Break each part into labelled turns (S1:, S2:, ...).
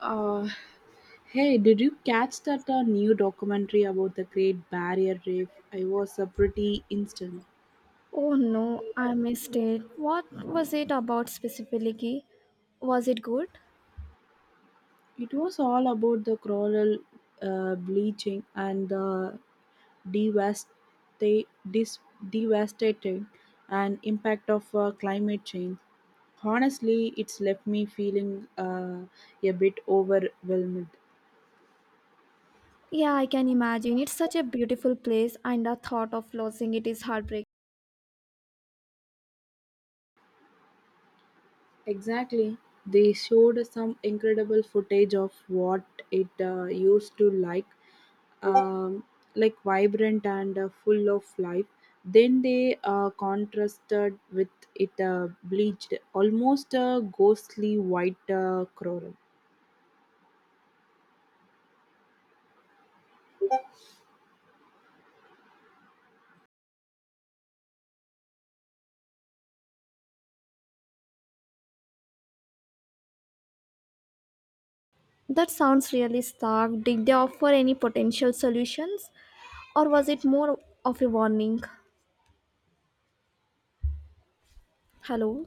S1: Uh, Hey, did you catch that new documentary about the Great Barrier Reef? I was a pretty instant.
S2: Oh no, I missed it. What was it about specifically? Was it good?
S1: It was all about the coral bleaching and the devasta- dis- devastating and impact of climate change. Honestly, it's left me feeling a bit overwhelmed.
S2: Yeah, I can imagine. It's such a beautiful place, and the thought of losing it is heartbreaking.
S1: Exactly. They showed some incredible footage of what it used to um, like vibrant and full of life. Then they contrasted with it bleached, almost a ghostly white coral.
S2: That sounds really stark. Did they offer any potential solutions, or was it more of a warning? Hello?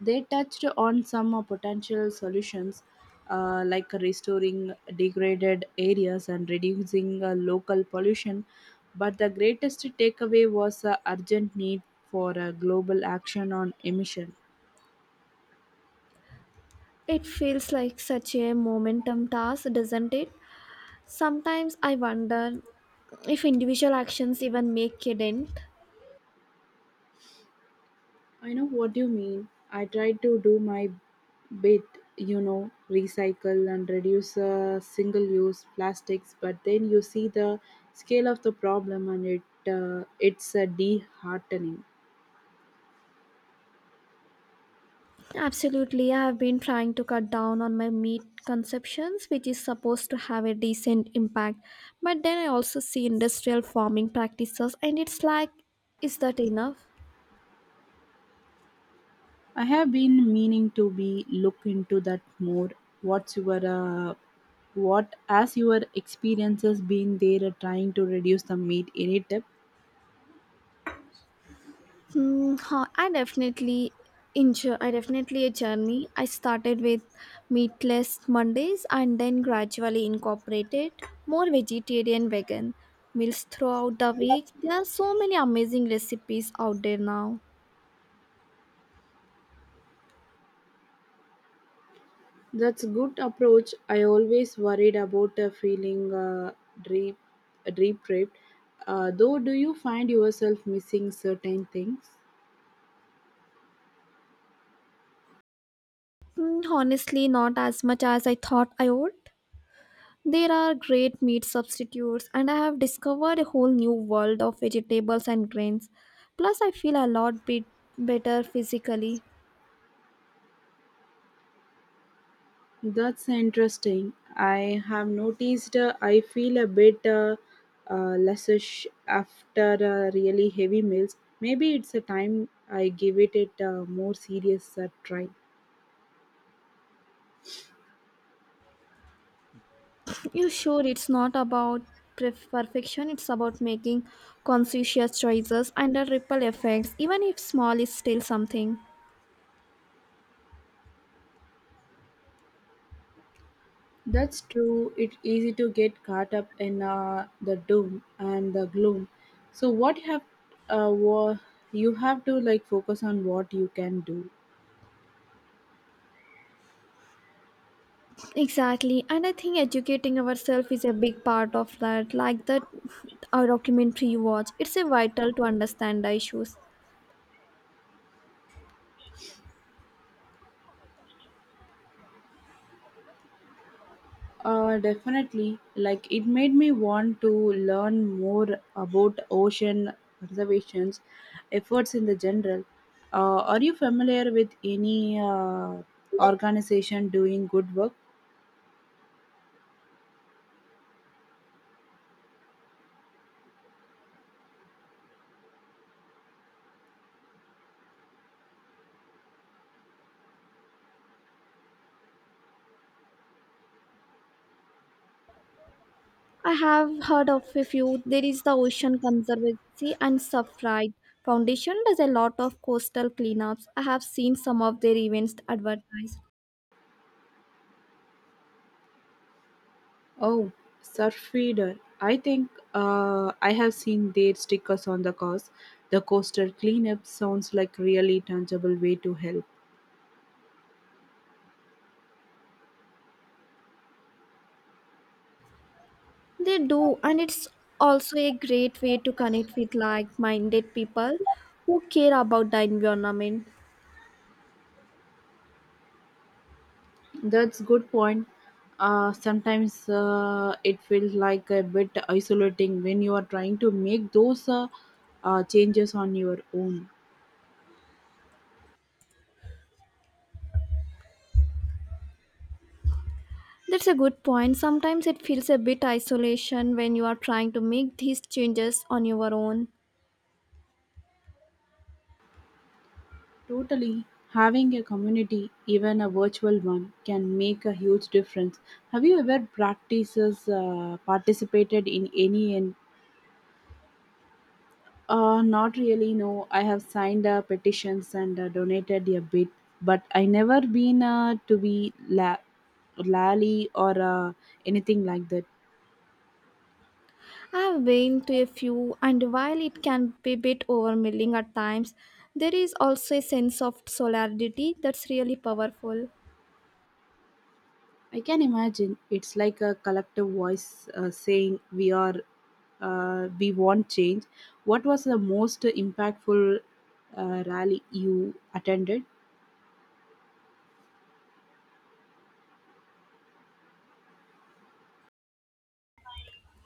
S1: They touched on some potential solutions like restoring degraded areas and reducing local pollution. But the greatest takeaway was the urgent need for a global action on emission.
S2: It feels like such a momentum task, doesn't it? Sometimes I wonder if individual actions even make a dent.
S1: I know what you mean. I try to do my bit, you know, recycle and reduce single use plastics, but then you see the scale of the problem and it's disheartening.
S2: Absolutely, I have been trying to cut down on my meat consumptions, which is supposed to have a decent impact. But then I also see industrial farming practices, and it's like, is that enough?
S1: I have been meaning to be look into that more. What's your uh, what as your experiences been there trying to reduce the meat in it?
S2: I definitely enjoy. I definitely a journey. I started with meatless Mondays, and then gradually incorporated more vegetarian, vegan meals throughout the week. There are so many amazing recipes out there now.
S1: That's good approach. I always worried about feeling deep, deprived. Though, do you find yourself missing certain things?
S2: Mm, honestly, not as much as I thought I would. There are great meat substitutes, and I have discovered a whole new world of vegetables and grains. Plus, I feel a lot bit better physically.
S1: That's interesting. I have noticed I feel a bit lessish after really heavy meals. Maybe it's a time I give it a more serious try.
S2: You sure it's not about perfection, it's about making conscious choices and the ripple effects, even if small, is still something.
S1: That's true. It's easy to get caught up in the doom and the gloom. So what you have, wa- you have to like focus on what you can do.
S2: Exactly, and I think educating ourselves is a big part of that, like that our documentary you watch. It's a vital to understand the issues.
S1: Definitely. Like it made me want to learn more about ocean conservation's efforts in the general. Are you familiar with any organization doing good work?
S2: I have heard of a few. There is the Ocean Conservancy and Surfride Foundation does a lot of coastal cleanups. I have seen some of their events advertised.
S1: Oh, Surfrider. I think I have seen their stickers on the cars. The coastal cleanup sounds like really tangible way to help.
S2: They do, and it's also a great way to connect with like-minded people who care about the environment.
S1: That's good point. Sometimes it feels like a bit isolating when you are trying to make those changes on your own.
S2: That's a good point. Sometimes it feels a bit isolation when you are trying to make these changes on your own.
S1: Totally, having a community, even a virtual one, can make a huge difference. Have you ever practices Participated in any not really, no. I have signed petitions and donated a bit, but I never been lally or anything like that.
S2: I've been to a few, and while it can be a bit overwhelming at times, there is also a sense of solidarity that's really powerful.
S1: I can imagine it's like a collective voice saying we want change. What was the most impactful rally you attended?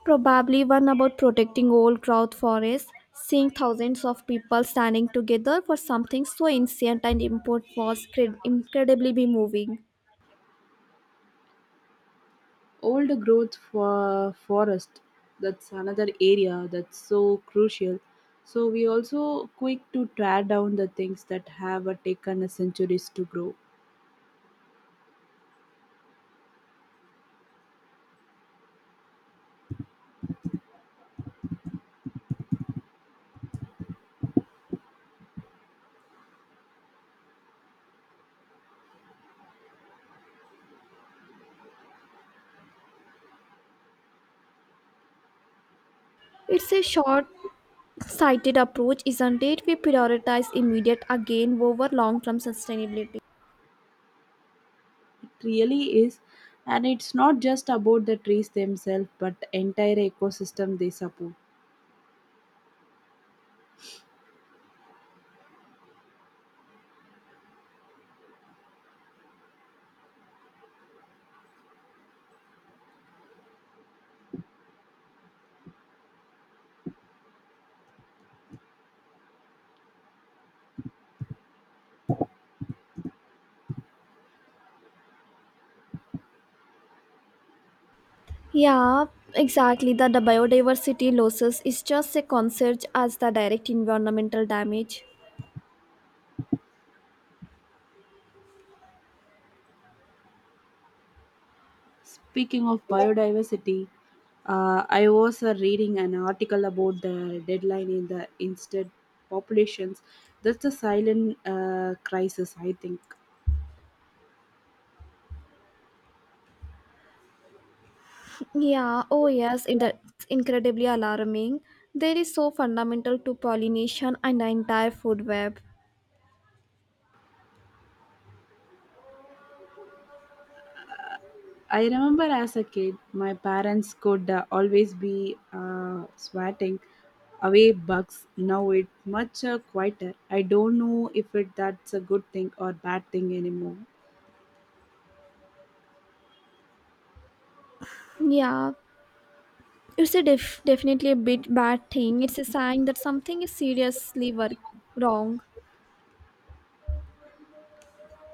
S2: Probably one about protecting old growth forests, seeing thousands of people standing together for something so ancient and important was incredibly moving.
S1: Old growth for forest, that's another area that's so crucial. So we also quick to tear down the things that have taken a centuries to grow.
S2: It's a short sighted approach, isn't it? We prioritize immediate again over long term sustainability.
S1: It really is, and it's not just about the trees themselves but entire ecosystem they support.
S2: Yeah, exactly. The biodiversity losses is just a concern as the direct environmental damage.
S1: Speaking of biodiversity, I was reading an article about the deadline in the instant populations. That's a silent crisis I think.
S2: Yeah, oh yes, it's incredibly alarming. There is so fundamental to pollination and the entire food web.
S1: I remember as a kid, my parents could always be swatting away bugs. Now it's much quieter. I don't know if it that's a good thing or bad thing anymore.
S2: Yeah, it's a definitely a bit bad thing. It's a sign that something is seriously wrong.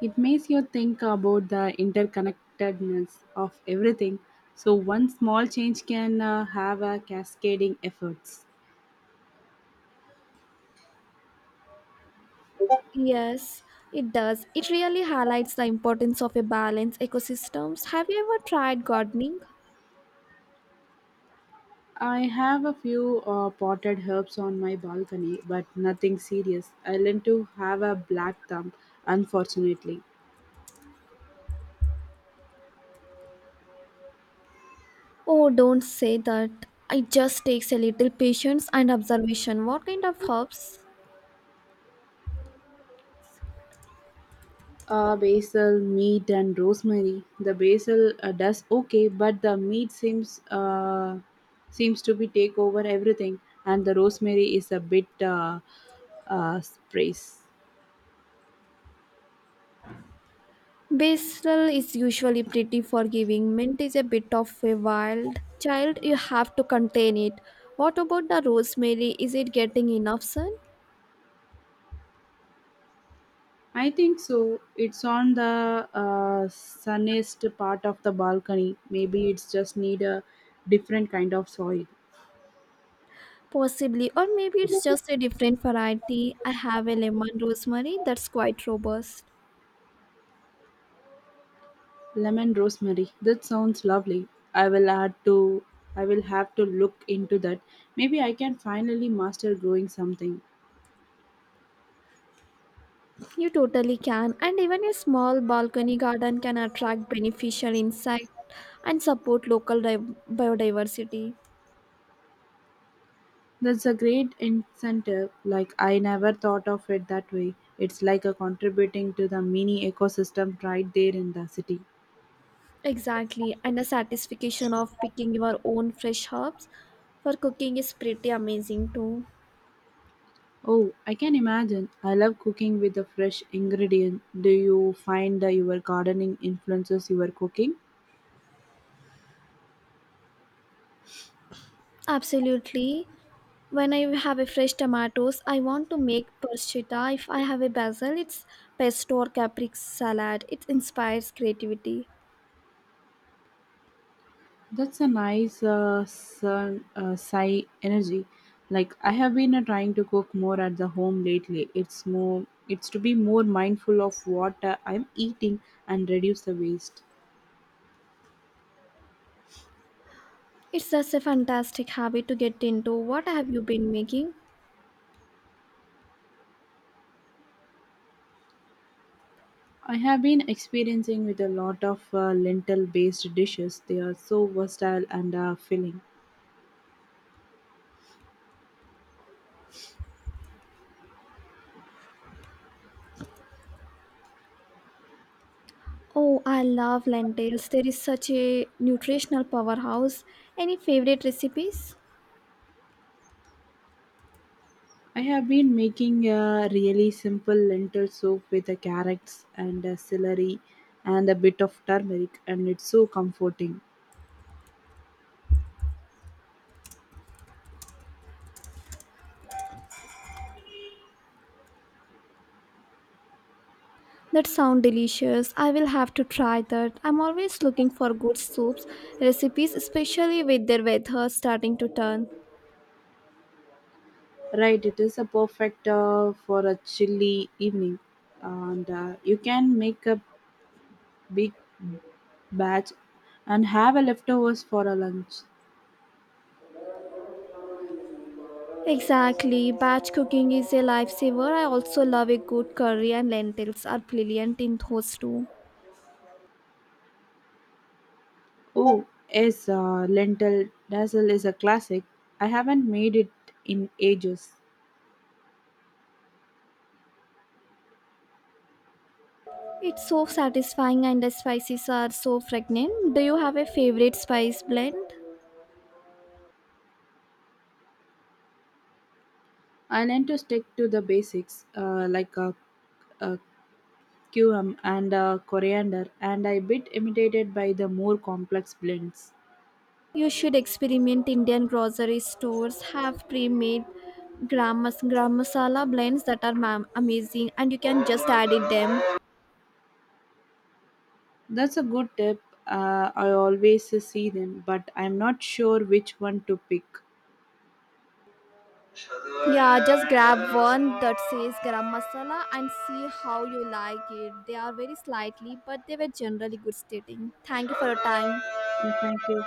S1: It makes you think about the interconnectedness of everything. So one small change can have a cascading efforts.
S2: Yes, it does. It really highlights the importance of a balanced ecosystems. Have you ever tried gardening?
S1: I have a few potted herbs on my balcony, but nothing serious. I learned to have a black thumb, unfortunately.
S2: Oh, don't say that. It just takes a little patience and observation. What kind of herbs?
S1: Basil, meat, and rosemary. The basil does okay, but the meat seems seems to be take over everything, and the rosemary is a bit sprays.
S2: Basil is usually pretty forgiving. Mint is a bit of a wild child. You have to contain it. What about the rosemary? Is it getting enough sun?
S1: I think so. It's on the sunniest part of the balcony. Maybe it's just need a different kind of soil.
S2: Possibly, or maybe it's just a different variety. I have a lemon rosemary that's quite robust.
S1: Lemon rosemary. That sounds lovely. I will add to. I will have to look into that. Maybe I can finally master growing something.
S2: You totally can, and even a small balcony garden can attract beneficial insect and support local biodiversity.
S1: That's a great incentive. Like, I never thought of it that way. It's like a contributing to the mini ecosystem right there in the city.
S2: Exactly, and the satisfaction of picking your own fresh herbs for cooking is pretty amazing too.
S1: Oh, I can imagine. I love cooking with a fresh ingredient. Do you find that your gardening influences your cooking?
S2: Absolutely. When I have a fresh tomatoes, I want to make prosciutto. If I have a basil, it's pesto or capric salad. It inspires creativity.
S1: That's a nice sigh energy. Like I have been trying to cook more at the home lately. It's to be more mindful of what I'm eating and reduce the waste.
S2: It's just a fantastic habit to get into. What have you been making?
S1: I have been experiencing with a lot of lentil based dishes. They are so versatile and filling.
S2: Oh, I love lentils. There is such a nutritional powerhouse. Any favorite recipes?
S1: I have been making a really simple lentil soup with the carrots and celery and a bit of turmeric, and it's so comforting.
S2: That sound delicious. I will have to try that. I'm always looking for good soups recipes, especially with their weather starting to turn.
S1: Right, it is a perfect for a chilly evening, and you can make a big batch and have a leftovers for a lunch.
S2: Exactly. Batch cooking is a lifesaver. I also love a good curry and lentils are brilliant in those too.
S1: Oh, yes, lentil dazzle is a classic. I haven't made it in ages.
S2: It's so satisfying and the spices are so fragrant. Do you have a favorite spice blend?
S1: I learned to stick to the basics like a QM and a coriander, and I bit imitated by the more complex blends.
S2: You should experiment. Indian grocery stores have pre-made gram masala blends that are amazing, and you can just add it them.
S1: That's a good tip. I always see them, but I'm not sure which one to pick.
S2: Yeah, just grab one that says garam masala and see how you like it. They are very slightly, but they were generally good stating. Thank you for your time.
S1: Yeah, thank you.